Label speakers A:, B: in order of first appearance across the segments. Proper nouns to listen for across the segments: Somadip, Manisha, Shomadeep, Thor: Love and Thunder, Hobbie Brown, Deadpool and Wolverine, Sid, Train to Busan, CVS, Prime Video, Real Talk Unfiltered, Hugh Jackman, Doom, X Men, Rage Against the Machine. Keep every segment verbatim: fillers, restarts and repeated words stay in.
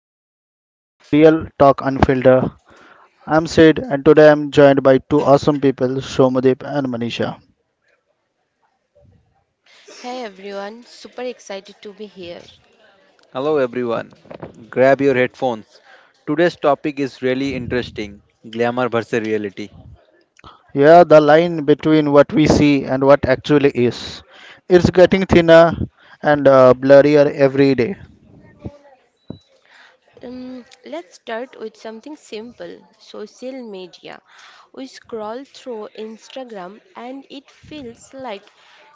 A: welcome back to Real Talk Unfiltered. I'm Sid and today I'm joined by two awesome people, Shomadeep and Manisha.
B: Hey everyone, super excited to be here.
C: Hello everyone. Grab your headphones. Today's topic is really interesting. Glamour versus reality.
A: Yeah, the line between what we see and what actually is. It's getting thinner and uh, blurrier every day.
B: Um, let's start with something simple social media. We scroll through Instagram and it feels like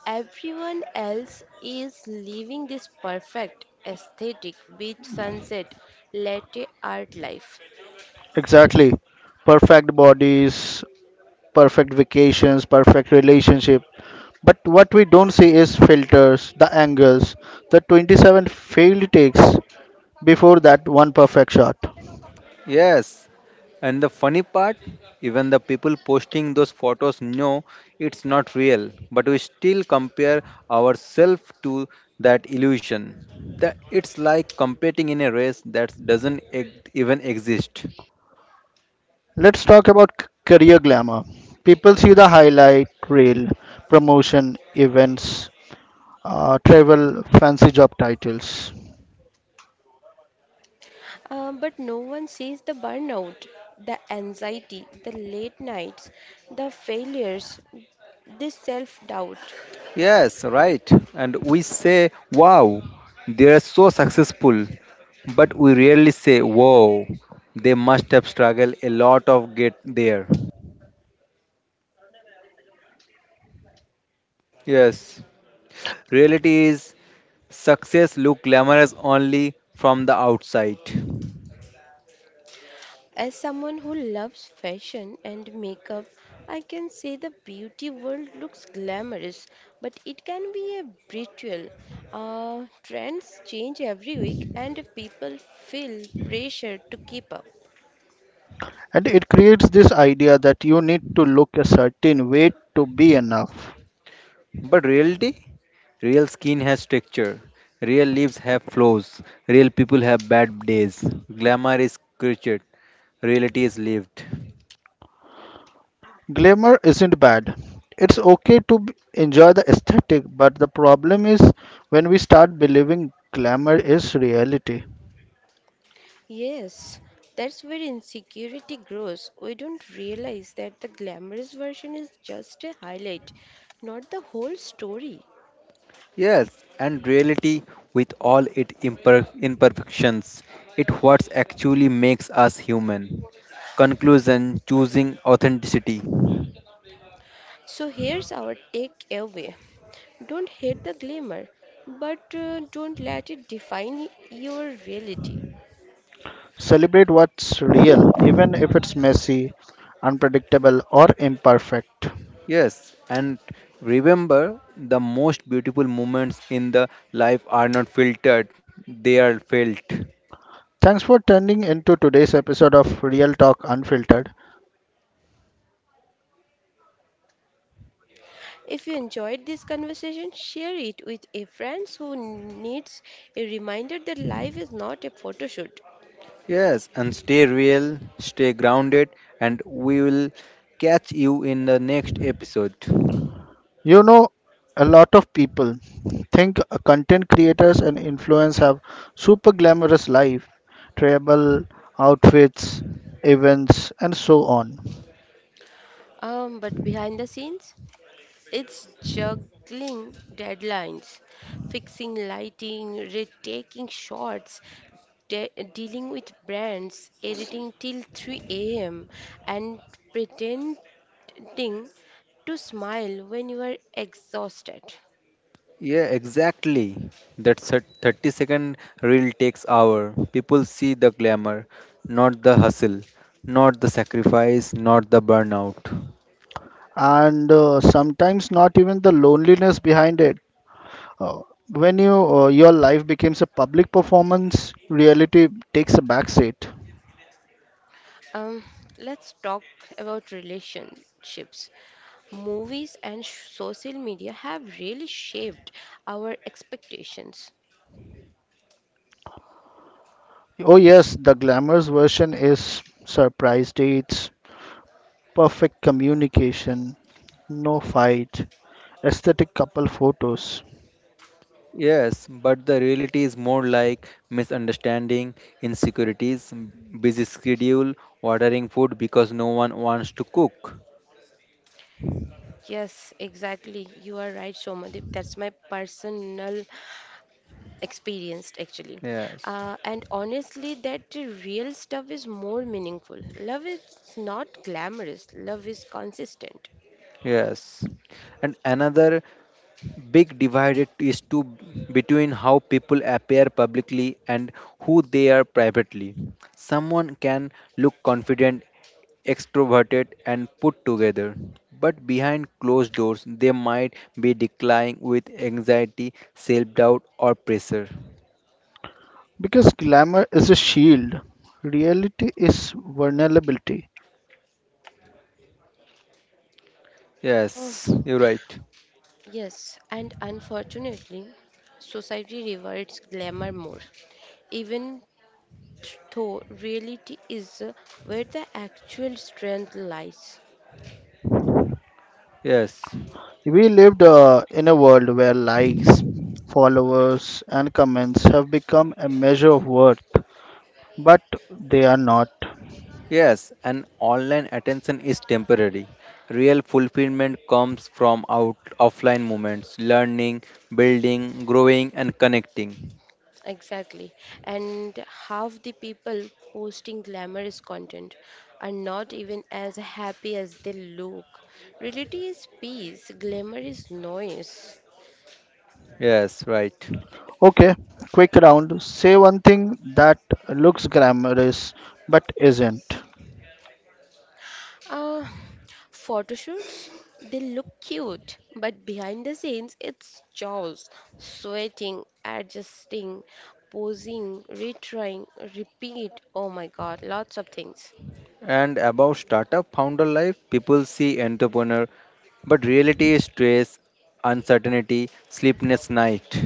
B: everyone else is living this perfect aesthetic beach sunset latte art life.
A: Exactly. Perfect bodies, perfect vacations, perfect relationship. But what we don't see is filters, the angles, the twenty-seven failed takes before that one perfect shot.
C: Yes. And the funny part, even the people posting those photos know it's not real, but we still compare ourselves to that illusion. That it's like competing in a race that doesn't e- even exist.
A: Let's talk about c- career glamour. People see the highlight reel, promotion, events, uh, travel, fancy job titles.
B: Uh, but no one sees the burnout, the anxiety, the late nights, the failures, this self doubt.
C: Yes, right. And we say, wow, they are so successful. But we rarely say, wow, they must have struggled a lot of get there. Yes. Reality is success look glamorous only from the outside.
B: As someone who loves fashion and makeup, I can say the beauty world looks glamorous, but it can be a brutal. Uh, trends change every week, and people feel pressure to keep up.
A: And it creates this idea that you need to look a certain way to be enough.
C: But reality? Real skin has texture. Real leaves have flaws. Real people have bad days. Glamour is created. Reality is lived.
A: Glamour isn't bad. It's okay to b- enjoy the aesthetic, but the problem is when we start believing glamour is reality.
B: Yes, that's where insecurity grows. We don't realize that the glamorous version is just a highlight, not the whole story.
C: Yes, and reality with all its imper- imperfections, it what actually makes us human. Conclusion choosing authenticity.
B: So here's our takeaway. Don't hate the glamour, but uh, don't let it define your reality.
A: Celebrate what's real, even if it's messy, unpredictable, or imperfect.
C: Yes, and remember the most beautiful moments in the life are not filtered, they are felt.
A: Thanks for turning into today's episode of Real Talk Unfiltered.
B: If you enjoyed this conversation, share it with a friend who needs a reminder that life is not a photo shoot.
C: Yes, and stay real, stay grounded, and we will catch you in the next episode.
A: You know, a lot of people think content creators and influencers have super glamorous life, travel, outfits, events, and so on.
B: Um, but behind the scenes, it's juggling deadlines, fixing lighting, retaking shots, de- dealing with brands, editing till three a m, and pretend thing to smile when you are exhausted.
C: Yeah, exactly. That thir- thirty second reel takes hour. People see the glamour, not the hustle, not the sacrifice, not the burnout.
A: And uh, sometimes not even the loneliness behind it. Uh, when you uh, your life becomes a public performance, reality takes a backseat.
B: Um, let's talk about relationships. Movies and sh- social media have really shaped our expectations.
A: Oh yes, the glamorous version is surprise dates, perfect communication, no fight, aesthetic couple photos.
C: Yes, but the reality is more like misunderstanding, insecurities, busy schedule, ordering food because no one wants to cook.
B: Yes, exactly. You are right, Somadip. That's my personal experience, actually.
C: Yes,
B: Uh, and honestly, that the real stuff is more meaningful. Love is not glamorous, love is consistent.
C: yes. And another big divide is to between how people appear publicly and who they are privately. Someone can look confident, extroverted, and put together, but behind closed doors, they might be declining with anxiety, self doubt, or pressure.
A: Because glamour is a shield, reality is vulnerability.
B: Uh,
C: Yes, you're right.
B: Yes, and unfortunately, society rewards glamour more, even though reality is uh, where the actual strength lies.
C: Yes.
A: We lived uh, in a world where likes, followers, and comments have become a measure of worth, but they are not.
C: Yes, and online attention is temporary. Real fulfillment comes from out offline moments, learning, building, growing, and connecting.
B: Exactly. And half the people posting glamorous content are not even as happy as they look. Reality is peace, glamour is noise.
C: Yes, right.
A: Okay, quick round. Say one thing that looks glamorous but isn't.
B: Uh, Photoshoots, they look cute, but behind the scenes, it's chaos. Sweating, adjusting, posing, retrying, repeat. Oh my god, lots of things.
C: And about startup founder life, people see entrepreneur, but reality is stress, uncertainty, sleepless night.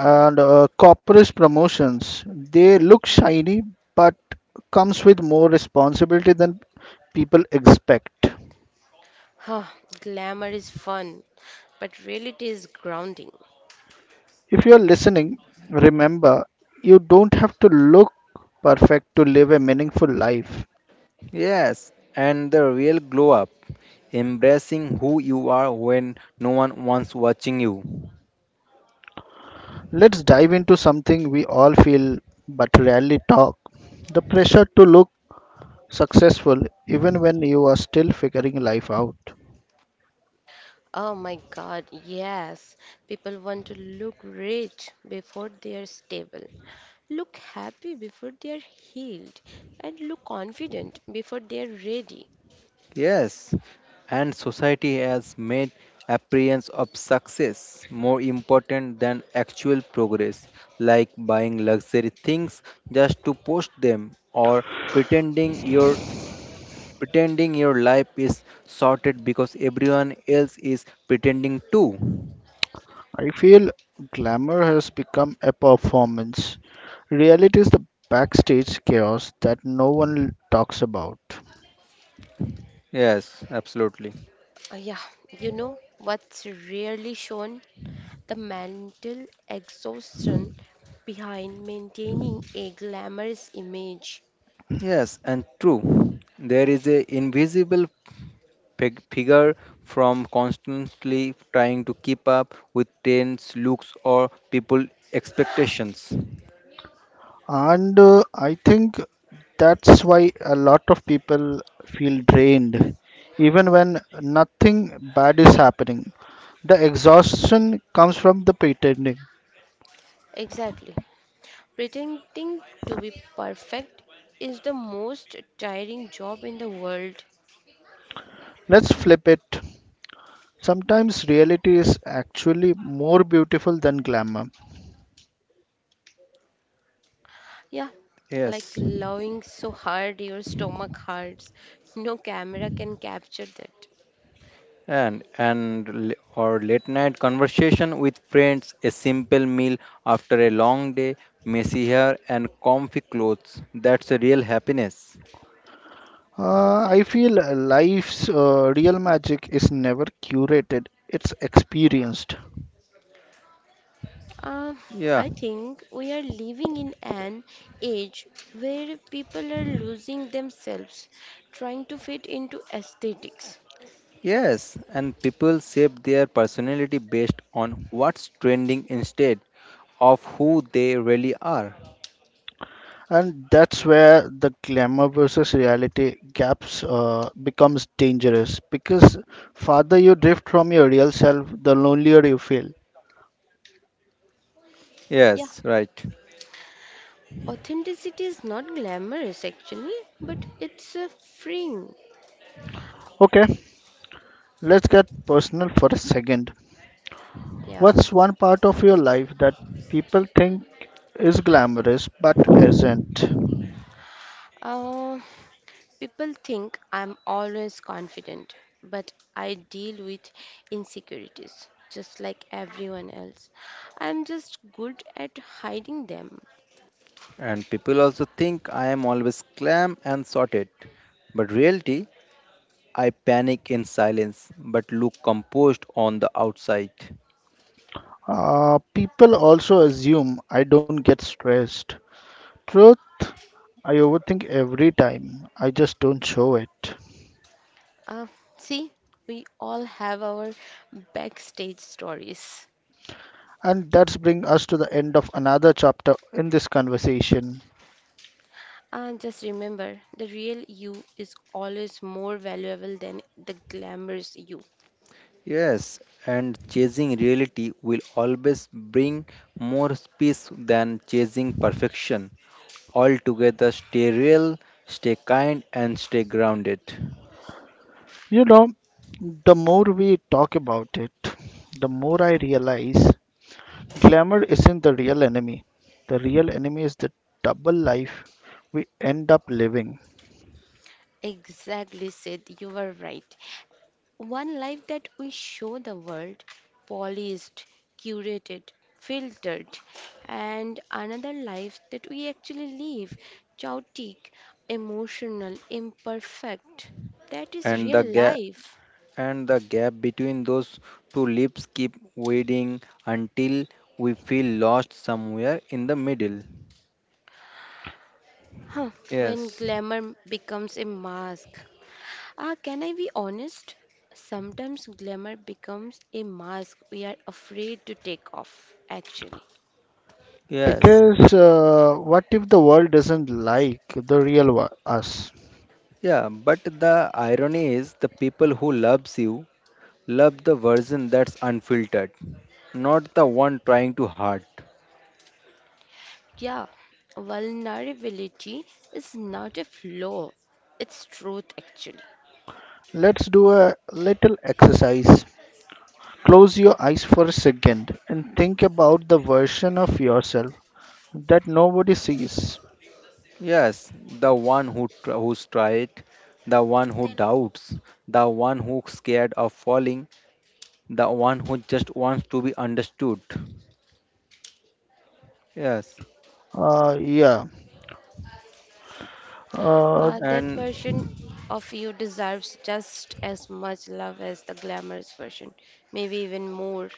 B: Yeah.
A: uh, corporate promotions, they look shiny but comes with more responsibility than people expect.
B: Huh, glamour is fun, but reality is grounding.
A: If you are listening, remember you don't have to look perfect to live a meaningful life.
C: Yes, and the real glow up, embracing who you are when no one wants watching you.
A: Let's dive into something we all feel but rarely talk, the pressure to look successful even when you are still figuring life out.
B: Oh my god, yes. People want to look rich before they are stable. Look happy before they are healed and look confident before they are ready.
C: Yes, and society has made appearance of success more important than actual progress, like buying luxury things just to post them or pretending your pretending your life is sorted because everyone else is pretending too.
A: I feel glamour has become a performance. Reality is the backstage chaos that no one talks about.
C: Yes, absolutely.
B: Uh, yeah, you know what's rarely shown? The mental exhaustion behind maintaining a glamorous image.
C: Yes, and true. There is a invisible peg- figure from constantly trying to keep up with trends, looks, or people expectations.
A: And uh, I think that's why a lot of people feel drained, even when nothing bad is happening. The exhaustion comes from the pretending.
B: Exactly. Pretending to be perfect is the most tiring job in the world.
A: Let's flip it. Sometimes reality is actually more beautiful than glamour.
B: Yeah, like
C: Yes,
B: loving so hard your stomach hurts. No camera can capture that.
C: and and l- or late night conversation with friends, a simple meal after a long day, messy hair and comfy clothes. That's a real happiness.
A: Uh, I
B: Exactly.
A: feel uh, life's uh, real magic is never curated, it's experienced.
B: Uh,
C: Yeah.
B: I think we are living in an age where people are losing themselves trying to fit into aesthetics.
C: Yes, and people shape their personality based on what's trending instead of who they really are.
A: And that's where the glamour versus reality gaps uh, becomes dangerous because farther you drift from your real self, the lonelier you feel.
B: Yeah,
C: Yes, right.
B: authenticity is not glamorous actually, but it's uh, freeing.
A: Okay, let's get personal for a second.
B: Yeah.
A: What's one part of your life that people think is glamorous but isn't?
B: Uh, People think I'm always confident, but I deal with insecurities just like everyone else. I'm just good at hiding them.
C: And people also think I am always calm and sorted. But reality, I panic in silence but look composed on the outside.
A: Uh, people also assume I don't get stressed. Truth, I overthink every time. I just don't show it.
B: Uh, See, we all have our backstage stories.
A: And that's bring us to the end of another chapter in this conversation.
B: And just remember, the real you is always more valuable than the glamorous you.
C: Yes, and chasing reality will always bring more peace than chasing perfection. Altogether, stay real, stay kind, and stay grounded.
A: You know, the more we talk about it, the more I realize glamour isn't the real enemy. The real enemy is the double life we end up living.
B: Exactly, Sid, you were right. One life that we show the world, polished, curated, filtered, and another life that we actually live, chaotic, emotional, imperfect. That is
C: And the
B: real
C: gap
B: life.
C: and the gap between those two lips keep widening until we feel lost somewhere in the middle.
B: Huh, when
C: Yes.
B: glamour becomes a mask. Ah, can I be honest? Sometimes glamour becomes a mask we are afraid to take off, actually.
C: Yes.
A: Because uh, what if the world doesn't like the real wa- us?
C: Yeah, but the irony is the people who loves you love the version that's unfiltered, not the one trying to hard.
B: Yeah, vulnerability is not a flaw, it's truth, actually.
A: Let's do a little exercise. Close your eyes for a second and think about the version of yourself that nobody sees.
C: Yes, the one who tr- who's tried, the one who doubts, the one who's scared of falling, the one who just wants to be understood. Yes,
A: Uh, yeah. Uh,
B: Uh, that
C: and
B: version of you deserves just as much love as the glamorous version, maybe even more.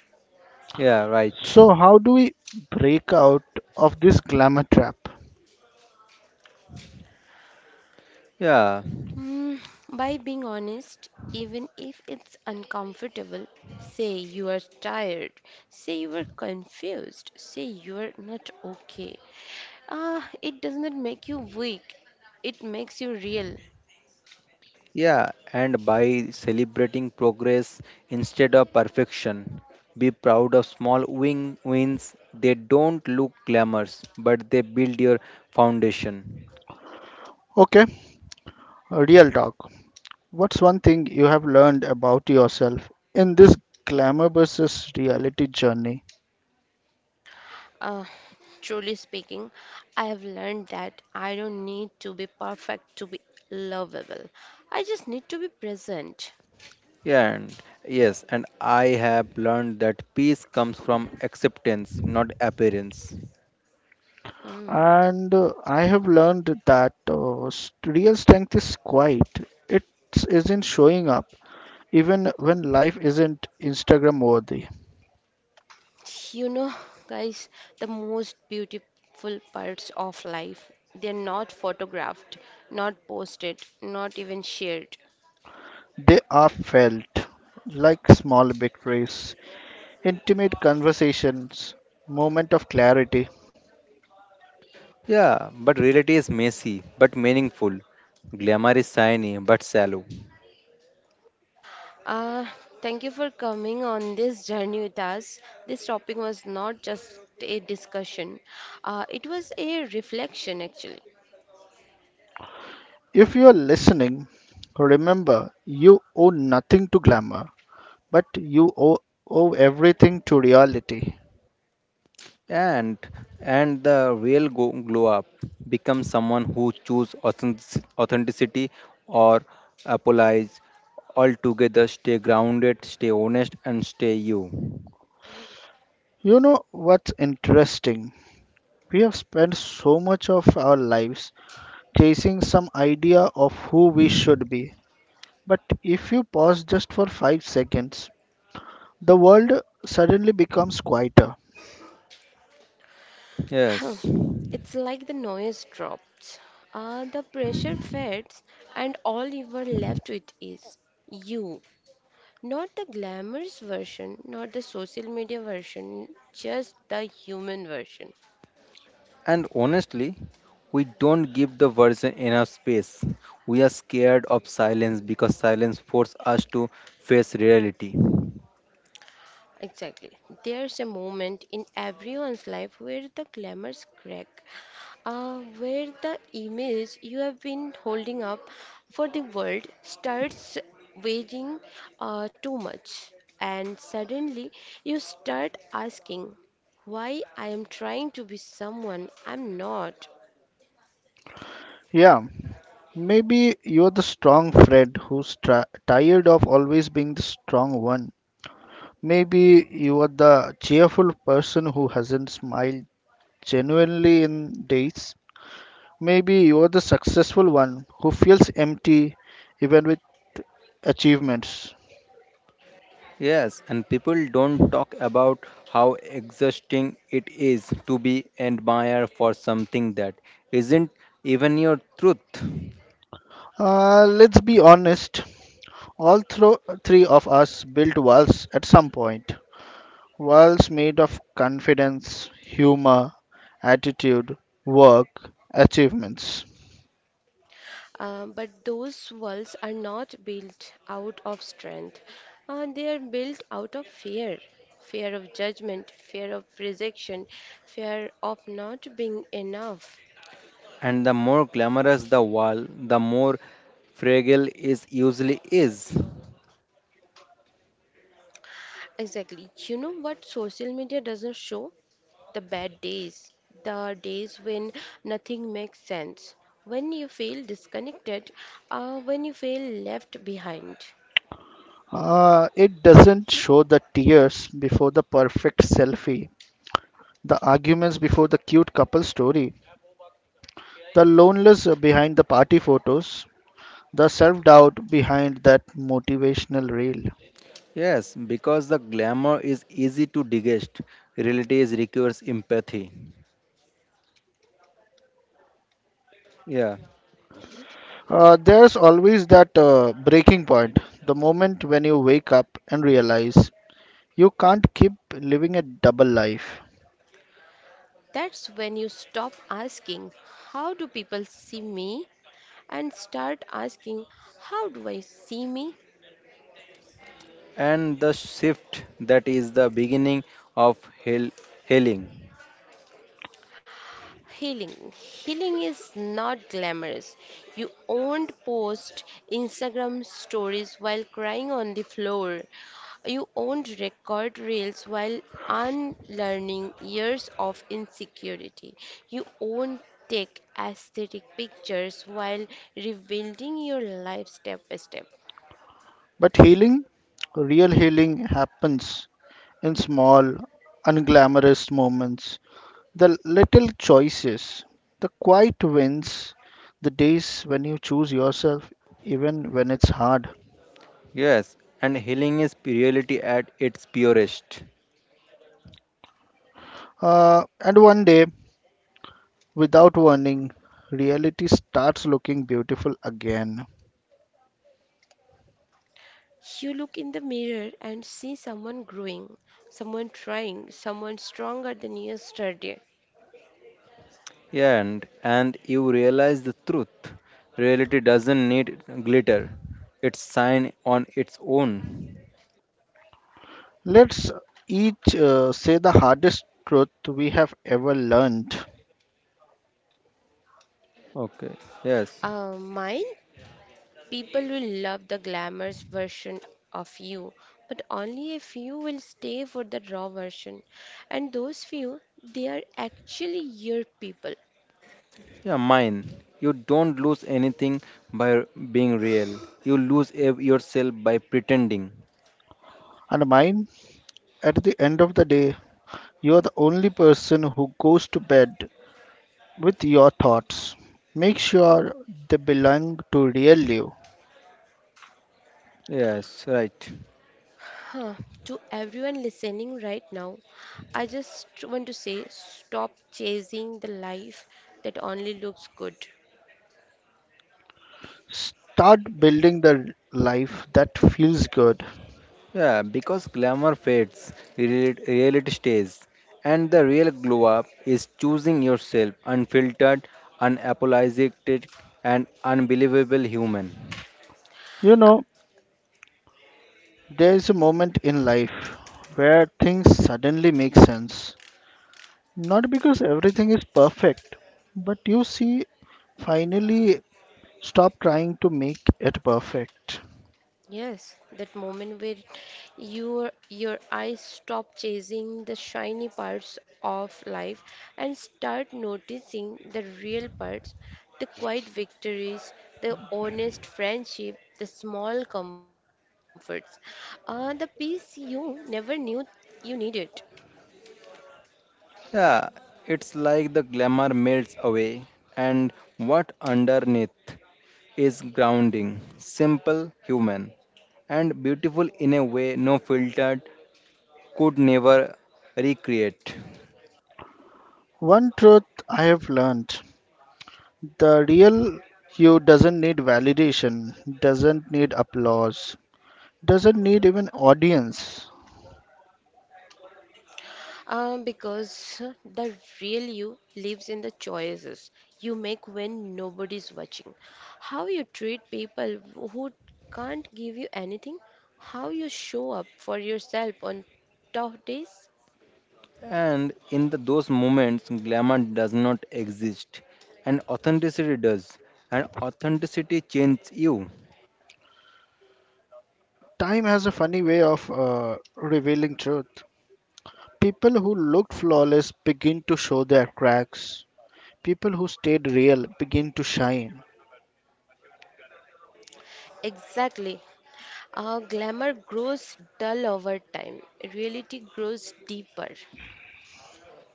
C: yeah, right.
A: so, how do we break out of this glamour trap?
C: Yeah,
B: Mm, by being honest, even if it's uncomfortable, say you are tired, say you are confused, say you are not okay. Ah, it does not make you weak, it makes you real.
C: yeah, and by celebrating progress instead of perfection. Be proud of small win- wins. They don't look glamorous, but they build your foundation.
A: Okay, real talk. What's one thing you have learned about yourself in this glamour versus reality journey?
B: Uh, Truly speaking, I have learned that I don't need to be perfect to be lovable. I just need to be present.
C: Yeah, and Yes, and I have learned that peace comes from acceptance, not appearance.
B: Hmm.
A: And uh, I have learned that uh, s- real strength is quiet. It isn't showing up, even when life isn't Instagram worthy.
B: You know, guys, the most beautiful parts of life, they're not photographed, not posted, not even shared.
A: They are felt like small victories, intimate conversations, moment of clarity.
C: Yeah, but reality is messy but meaningful. Glamour is shiny but shallow.
B: Uh, Thank you for coming on this journey with us. This topic was not just a discussion, uh, it was a reflection actually.
A: If you're listening, remember you owe nothing to glamour, but you owe, owe everything to reality.
C: And and the real go- glow up becomes someone who choose authentic- authenticity or apologize altogether. Stay grounded, stay honest, and stay you.
A: You know what's interesting? We have spent so much of our lives chasing some idea of who we should be. But if you pause just for five seconds, the world suddenly becomes quieter.
C: Yes.
B: It's like the noise drops, uh, the pressure fades, and all you were left with is you. Not the glamorous version, not the social media version, just the human version.
C: And honestly, we don't give the version enough space. We are scared of silence because silence forces us to face reality.
B: Exactly. There's a moment in everyone's life where the glamours crack, uh, where the image you have been holding up for the world starts weighing uh, too much, and suddenly you start asking why I am trying to be someone I'm not.
A: Yeah, maybe you're the strong Fred who's tra- tired of always being the strong one. Maybe you are the cheerful person who hasn't smiled genuinely in days. Maybe you are the successful one who feels empty even with achievements.
C: Yes, and people don't talk about how exhausting it is to be admired for something that isn't even your truth.
A: Uh, let's be honest, all thro- three of us built walls at some point. Worlds made of confidence, humor, attitude, work, achievements.
B: Um, but those walls are not built out of strength, uh, they are built out of fear fear of judgment, fear of rejection, fear of not being enough.
C: And the more glamorous the wall, the more fragile it usually is.
B: Exactly. You know what social media doesn't show? The bad days, the days when nothing makes sense, when you feel disconnected, uh, when you feel left behind.
A: Uh, it doesn't show the tears before the perfect selfie, the arguments before the cute couple story, the loneliness behind the party photos, the self doubt behind that motivational reel.
C: Yes, because the glamour is easy to digest, reality is requires empathy. Yeah,
A: Uh, there's always that uh, breaking point, the moment when you wake up and realize you can't keep living a double life.
B: That's when you stop asking, how do people see me? And start asking, how do I see me?
C: and the shift that is the beginning of heal- healing.
B: Healing. Healing is not glamorous. You won't post Instagram stories while crying on the floor. You won't record reels while unlearning years of insecurity. You won't take aesthetic pictures while rebuilding your life step by step.
A: But healing, real healing, happens in small, unglamorous moments, the little choices, the quiet wins, the days when you choose yourself, even when it's hard.
C: Yes, and healing is reality at its purest.
A: Uh, and one day, without warning, reality starts looking beautiful again.
B: You look in the mirror and see someone growing, someone trying, someone stronger than yesterday.
C: Yeah, and and you realize the truth. Reality doesn't need glitter. It's shine on its own.
A: Let's each uh, say the hardest truth we have ever learned.
C: Okay. Yes.
B: Uh, mine? People will love the glamorous version of you, but only a few will stay for the raw version. And those few, they are actually your people.
C: Yeah, mine. You don't lose anything by being real. You lose ev- yourself by pretending.
A: And mine, at the end of the day, you're the only person who goes to bed with your thoughts. Make sure they belong to real you.
C: Yes, right.
B: Huh. To everyone listening right now, I just want to say stop chasing the life that only looks good.
A: Start building the life that feels good.
C: Yeah, because glamour fades, real- reality stays. And the real glow up is choosing yourself unfiltered, unapologetic, and unbelievable human.
A: You know, there is a moment in life where things suddenly make sense. Not because everything is perfect, but you see, finally stop trying to make it perfect.
B: Yes, that moment where your your eyes stop chasing the shiny parts of life and start noticing the real parts, the quiet victories, the honest friendship, the small comforts, uh, the peace you never knew you needed.
C: Yeah, it's like the glamour melts away and what underneath is grounding, simple, human, and beautiful in a way no filter could never recreate.
A: One truth I have learned: the real you doesn't need validation, doesn't need applause, doesn't need even audience.
B: Um, because the real you lives in the choices you make when nobody's watching. How you treat people who can't give you anything, how you show up for yourself on tough days.
C: And in the, those moments, glamour does not exist, and authenticity does, and authenticity changes you.
A: Time has a funny way of uh, revealing truth. People who looked flawless begin to show their cracks. People who stayed real begin to shine.
B: Exactly. Uh, glamour grows dull over time, reality grows deeper.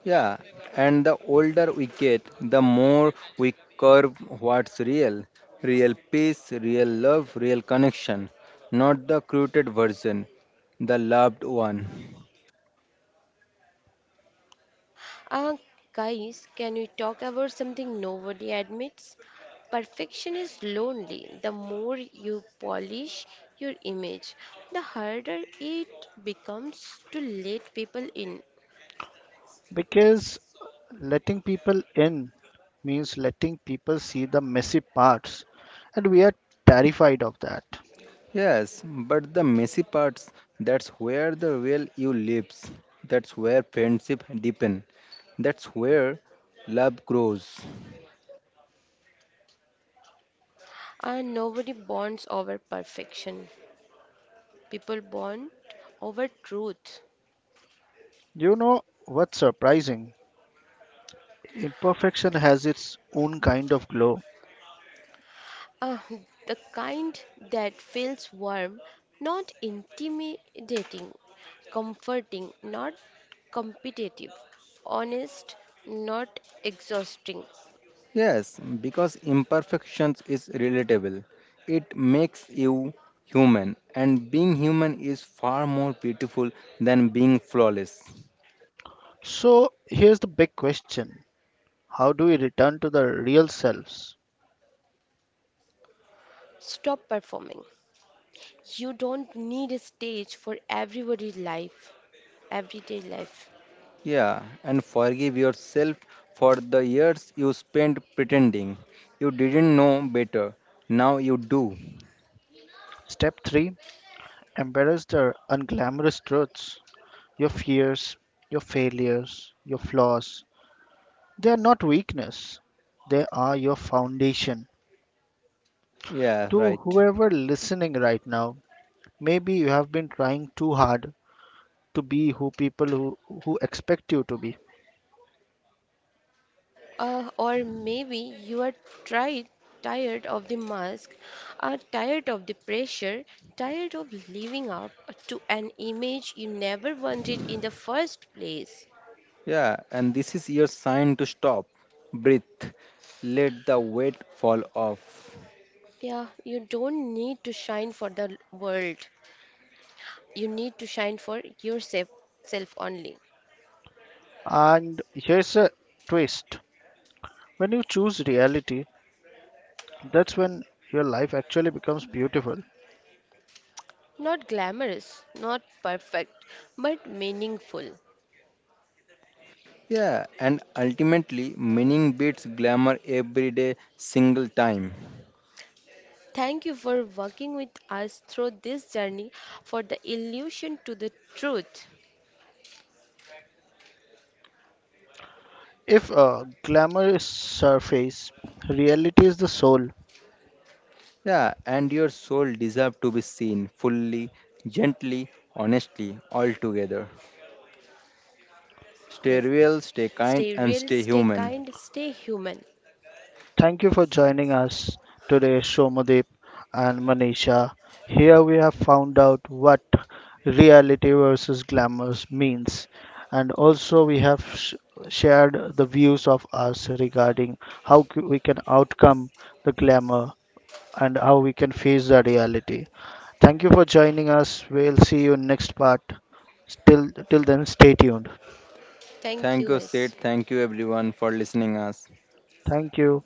C: Yeah, and the older we get, the more we curve what's real real peace, real love, real connection, not the created version, the loved one.
B: Uh, Guys, can we talk about something nobody admits? Perfection is lonely. The more you polish your image, the harder it becomes to let people in.
A: Because letting people in means letting people see the messy parts, and we are terrified of that.
C: Yes, but the messy parts, that's where the real you lives. That's where friendship deepen. That's where love grows.
B: And nobody bonds over perfection. People bond over truth.
A: You know what's surprising? Imperfection has its own kind of glow.
B: Uh, the kind that feels warm, not intimidating, comforting, not competitive, honest, not exhausting.
C: Yes, because imperfections is relatable. It makes you human and being human is far more beautiful than being flawless.
A: So here's the big question: how do we return to the real selves?
B: Stop performing. You don't need a stage for everybody's life, everyday life.
C: Yeah, and forgive yourself for the years you spent pretending. You didn't know better. Now you do.
A: Step three, embrace the unglamorous truths. Your fears, your failures, your flaws. They are not weakness, they are your foundation.
C: Yeah,
A: To
C: right.
A: whoever listening right now, maybe you have been trying too hard to be who people who, who expect you to be.
B: Uh, or maybe you are tried, tired of the mask, are tired of the pressure, tired of living up to an image you never wanted in the first place.
C: Yeah, and this is your sign to stop, breathe, let the weight fall off.
B: Yeah, you don't need to shine for the world. You need to shine for yourself self only.
A: And here's a twist, when you choose reality, that's when your life actually becomes beautiful.
B: Not glamorous, not perfect, but meaningful.
C: Yeah, and ultimately, meaning beats glamour every day, single time.
B: Thank you for walking with us through this journey for the illusion to the truth.
A: If uh, glamour is surface, reality is the soul.
C: Yeah, and your soul deserves to be seen fully, gently, honestly, altogether. Stay
B: Yes.
C: real, stay kind,
B: Stay
C: and
B: real,
C: stay
B: stay
C: human.
B: kind, stay human.
A: Thank you for joining us today, Shomadeep and Manisha. Here we have found out what reality versus glamour means, and also we have sh- shared the views of us regarding how c- we can outcome the glamour and how we can face the reality. Thank you for joining us. We'll see you in next part. Till till then, stay tuned.
B: Thank
C: Thank
B: you,
C: you,
B: guys.
C: Sid. Thank you, everyone, for listening us.
A: Thank you.